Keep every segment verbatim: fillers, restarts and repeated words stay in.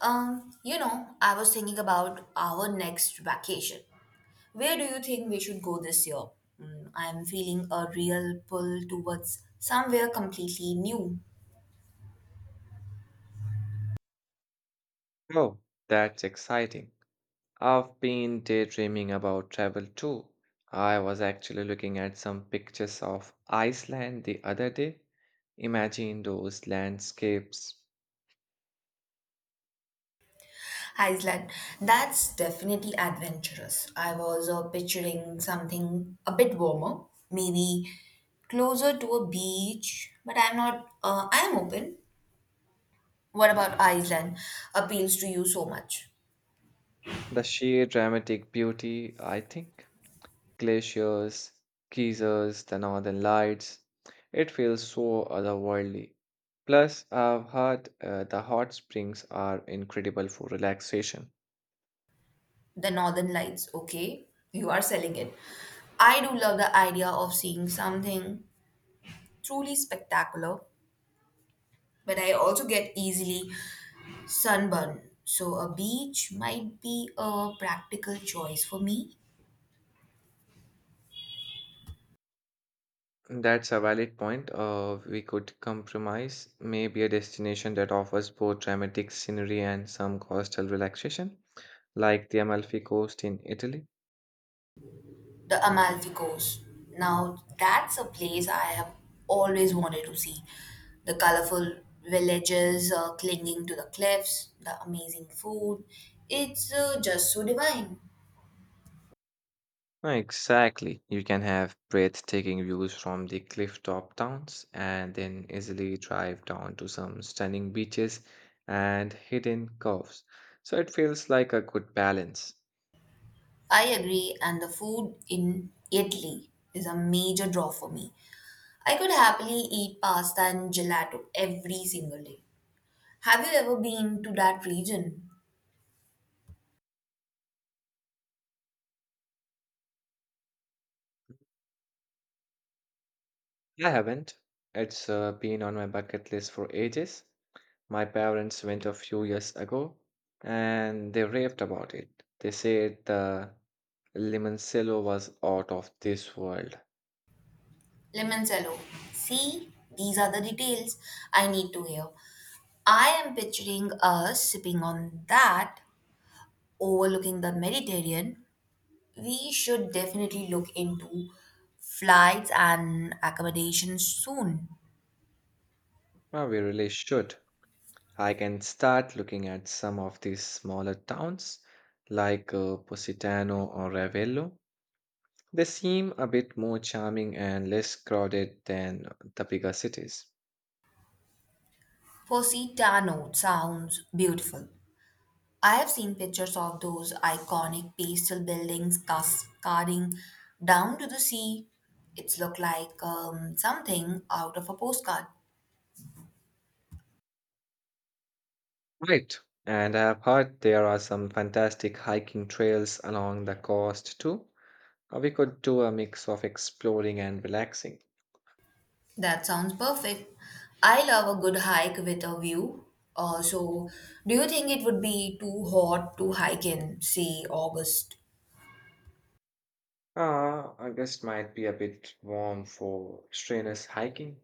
Um, you know, I was thinking about our next vacation. Where do you think we should go this year? Mm, I'm feeling a real pull towards somewhere completely new. Oh, that's exciting. I've been daydreaming about travel too. I was actually looking at some pictures of Iceland the other day. Imagine those landscapes, Iceland, that's definitely adventurous. I was uh, picturing something a bit warmer, maybe closer to a beach, but I'm not, uh, I'm open. What about Iceland appeals to you so much? the sheer dramatic beauty, I think. Glaciers, geysers, the northern lights. It feels so otherworldly. Plus, I've heard uh, the hot springs are incredible for relaxation. The northern lights, okay, you are selling it. I do love the idea of seeing something truly spectacular, but I also get easily sunburn, so a beach might be a practical choice for me. That's a valid point. Uh, we could compromise, maybe a destination that offers both dramatic scenery and some coastal relaxation, like the Amalfi Coast in Italy. The Amalfi Coast, now that's a place I have always wanted to see. The colorful villages uh, clinging to the cliffs, the amazing food, it's uh, just so divine. Ah, exactly. You can have breathtaking views from the cliff top towns and then easily drive down to some stunning beaches and hidden coves. So it feels like a good balance. I agree, and the food in Italy is a major draw for me. I could happily eat pasta and gelato every single day. Have you ever been to that region? I haven't. It's uh, been on my bucket list for ages. My parents went a few years ago and they raved about it. They said the limoncello was out of this world. Limoncello. See, these are the details I need to hear. I am picturing us sipping on that, overlooking the Mediterranean. We should definitely look into flights and accommodations soon. Well, we really should. I can start looking at some of these smaller towns like uh, Positano or Ravello. They seem a bit more charming and less crowded than the bigger cities. Positano sounds beautiful. I have seen pictures of those iconic pastel buildings cascading down to the sea. It's looked like um, something out of a postcard. Right. And I've heard there are some fantastic hiking trails along the coast too. Uh, We could do a mix of exploring and relaxing. That sounds perfect. I love a good hike with a view. Uh, so, do you think it would be too hot to hike in, say, August? Uh, August might be a bit warm for strenuous hiking,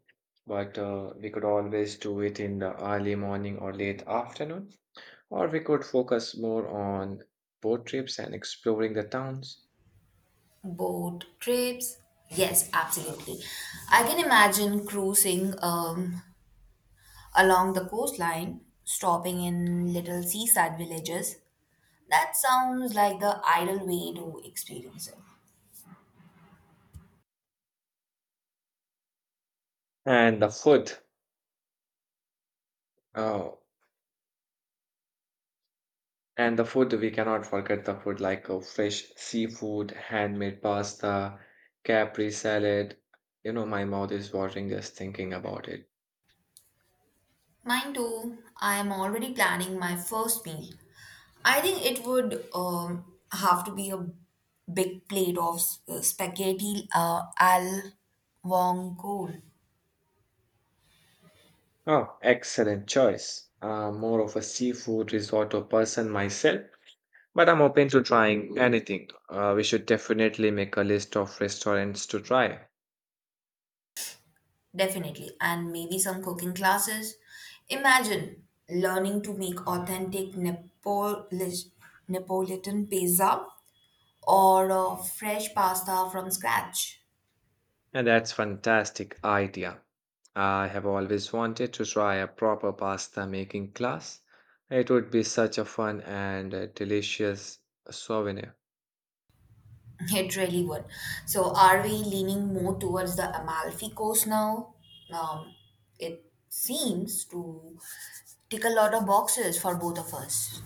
but uh, we could always do it in the early morning or late afternoon, or we could focus more on boat trips and exploring the towns. Boat trips? Yes, absolutely. I can imagine cruising um, along the coastline, stopping in little seaside villages. That sounds like the ideal way to experience it. And the food, uh, and the food, we cannot forget the food, like uh, fresh seafood, handmade pasta, Capri salad. You know, my mouth is watering just thinking about it. Mine too. I am already planning my first meal. I think it would um, have to be a big plate of s- uh, spaghetti uh, al vongole. Oh, excellent choice. I'm more of a seafood risotto person myself, but I'm open to trying anything. Uh, we should definitely make a list of restaurants to try. Definitely, and maybe some cooking classes. Imagine learning to make authentic Neapolis, Neapolitan pizza or uh, fresh pasta from scratch. And that's fantastic idea. I have always wanted to try a proper pasta making class. It would be such a fun and uh, delicious souvenir. It really would. So, are we leaning more towards the Amalfi Coast now? Um, it seems to tick a lot of boxes for both of us.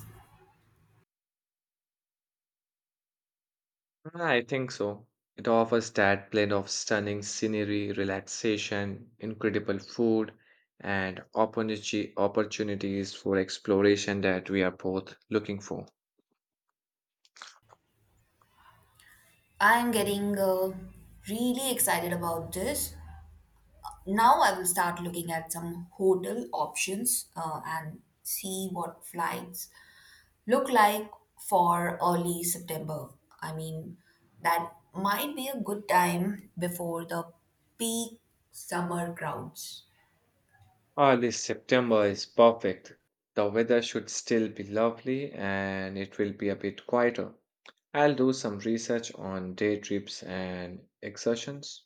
I think so. It offers that blend of stunning scenery, relaxation, incredible food, and opportunity opportunities for exploration that we are both looking for. I am getting uh, really excited about this. Now, I will start looking at some hotel options uh, and see what flights look like for early September. I mean, that might be a good time before the peak summer crowds. Early September is perfect. The weather should still be lovely and it will be a bit quieter. I'll do some research on day trips and excursions.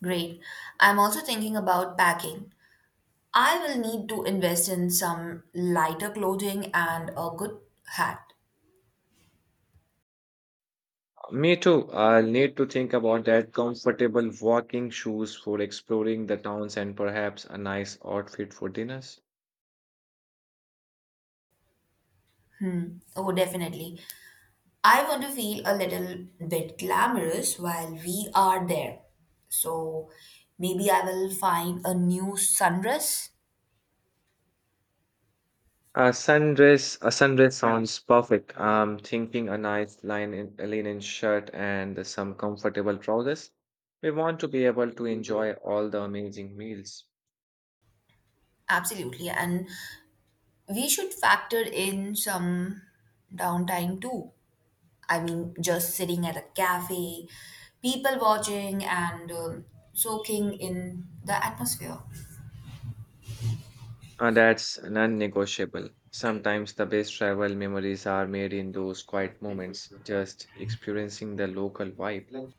Great. I'm also thinking about packing. I will need to invest in some lighter clothing and a good hat. Me too. I'll need to think about that comfortable walking shoes for exploring the towns and perhaps a nice outfit for dinners. Hmm. Oh, definitely. I want to feel a little bit glamorous while we are there. So maybe I will find a new sundress. A sundress, a sundress sounds perfect. I'm thinking a nice linen linen shirt and some comfortable trousers. We want to be able to enjoy all the amazing meals. Absolutely. And we should factor in some downtime too. I mean, just sitting at a cafe, people watching, and um, soaking in the atmosphere. And that's non-negotiable. Sometimes the best travel memories are made in those quiet moments, just experiencing the local vibe.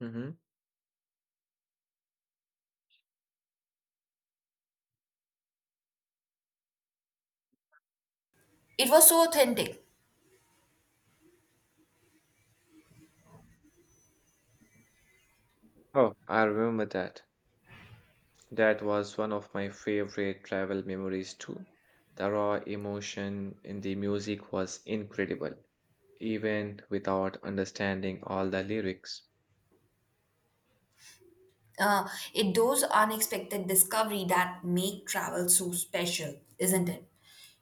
Mhm. It was so authentic. Oh, I remember that. That was one of my favorite travel memories too. The raw emotion in the music was incredible, even without understanding all the lyrics. Uh, it those unexpected discovery that make travel so special, isn't it?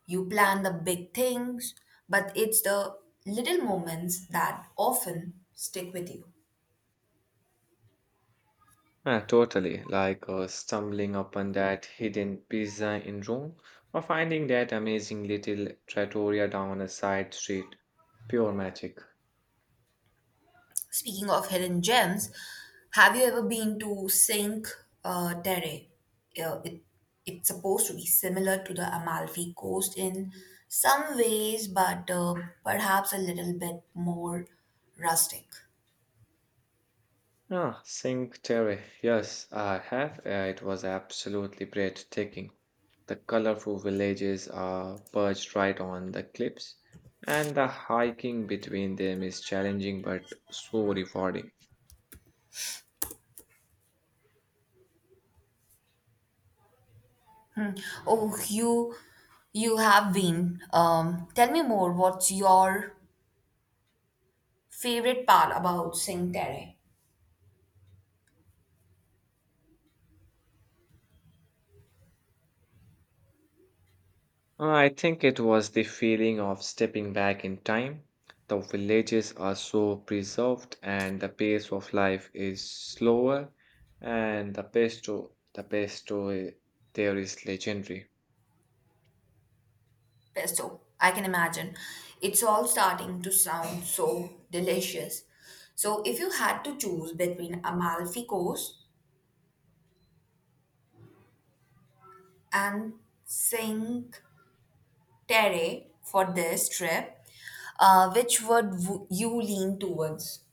You plan the big things, but it's the little moments that often stick with you. Ah, totally, like uh, stumbling upon that hidden pizza in Rome or finding that amazing little trattoria down a side street. Pure magic. Speaking of hidden gems, have you ever been to Cinque uh, Terre? Uh, it, it's supposed to be similar to the Amalfi Coast in some ways, but uh, perhaps a little bit more rustic. Ah, Cinque Terre. Yes, I have. Uh, it was absolutely breathtaking. The colorful villages are perched right on the cliffs, and the hiking between them is challenging but so rewarding. Oh, you you have been. Um, tell me more. What's your favorite part about Cinque Terre? I think it was the feeling of stepping back in time. The villages are so preserved, and the pace of life is slower, and the pesto, the pesto eh, there is legendary. Pesto. I can imagine. It's all starting to sound so delicious. So, if you had to choose between Amalfi Coast and Cinque Terre for this trip, uh, which would w- you lean towards?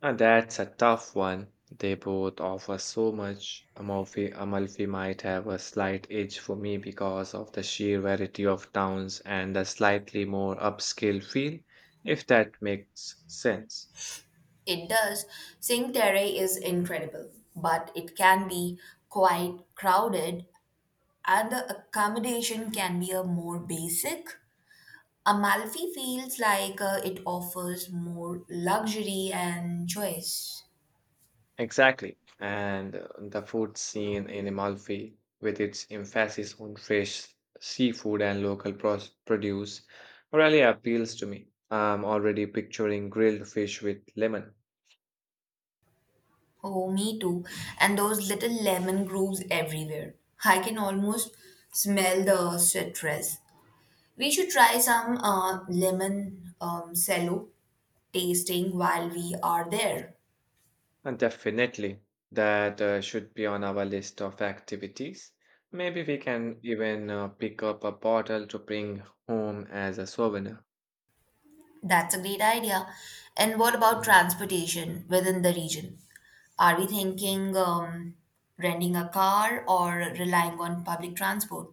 Uh, that's a tough one. They both offer so much. Amalfi, Amalfi might have a slight edge for me because of the sheer variety of towns and the slightly more upscale feel, if that makes sense. It does. Cinque Terre is incredible, but it can be quite crowded, and the accommodation can be a more basic. Amalfi feels like uh, it offers more luxury and choice. Exactly. And uh, the food scene in Amalfi, with its emphasis on fresh seafood and local pros- produce, really appeals to me. I'm already picturing grilled fish with lemon. Oh, me too. And those little lemon grooves everywhere. I can almost smell the citrus. We should try some uh, lemon um, cello tasting while we are there. And definitely, that uh, should be on our list of activities. Maybe we can even uh, pick up a bottle to bring home as a souvenir. That's a great idea. And what about transportation within the region? Are we thinking um, renting a car or relying on public transport?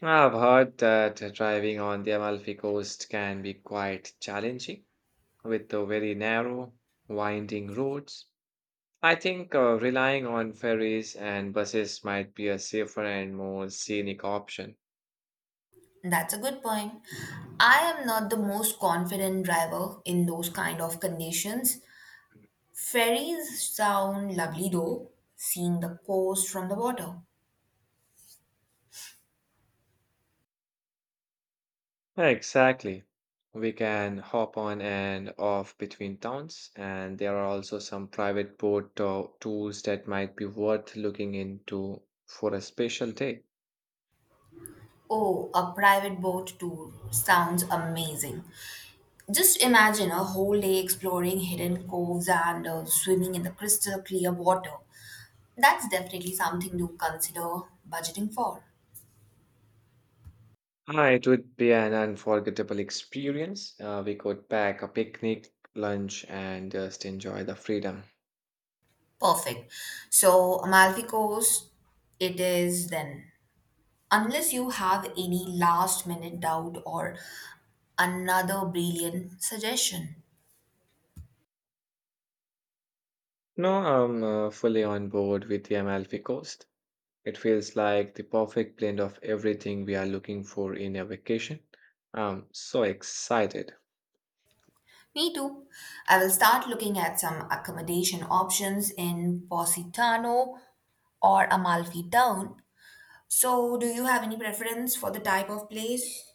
I've heard that uh, driving on the Amalfi Coast can be quite challenging with the very narrow, winding roads. I think uh, relying on ferries and buses might be a safer and more scenic option. That's a good point. I am not the most confident driver in those kind of conditions. Ferries sound lovely though, seeing the coast from the water. Yeah, exactly. We can hop on and off between towns, and there are also some private boat tour tours that might be worth looking into for a special day. Oh, a private boat tour sounds amazing. Just imagine a whole day exploring hidden coves and uh, swimming in the crystal clear water. That's definitely something to consider budgeting for. Ah, it would be an unforgettable experience. Uh, we could pack a picnic, lunch, and just enjoy the freedom. Perfect. So, Amalfi Coast, it is then, unless you have any last minute doubt or another brilliant suggestion. No, I'm uh, fully on board with the Amalfi Coast. It feels like the perfect blend of everything we are looking for in a vacation. I'm so excited. Me too. I will start looking at some accommodation options in Positano or Amalfi Town. So, do you have any preference for the type of place?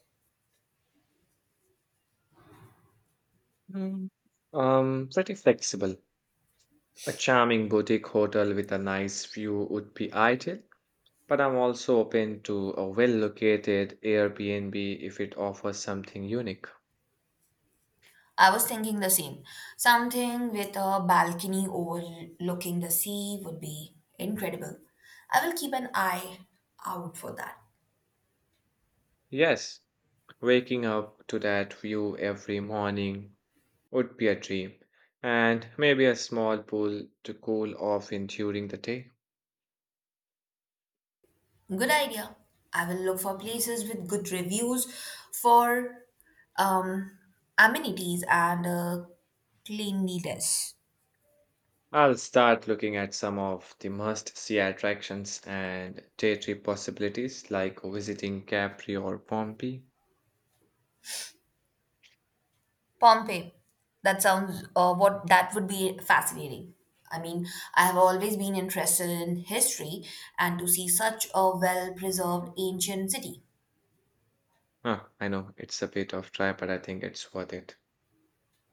Mm, Um, pretty flexible. A charming boutique hotel with a nice view would be ideal, but I'm also open to a well-located Airbnb if it offers something unique. I was thinking the same. Something with a balcony overlooking the sea would be incredible. I will keep an eye out for that. Yes, waking up to that view every morning would be a dream, and maybe a small pool to cool off in during the day. Good idea. I will look for places with good reviews for um, amenities and uh, cleanliness. I'll start looking at some of the must-see attractions and day trip possibilities like visiting Capri or Pompeii. Pompeii. That sounds uh, what that would be fascinating. I mean, I have always been interested in history and to see such a well-preserved ancient city. Huh, I know it's a bit of try, but I think it's worth it.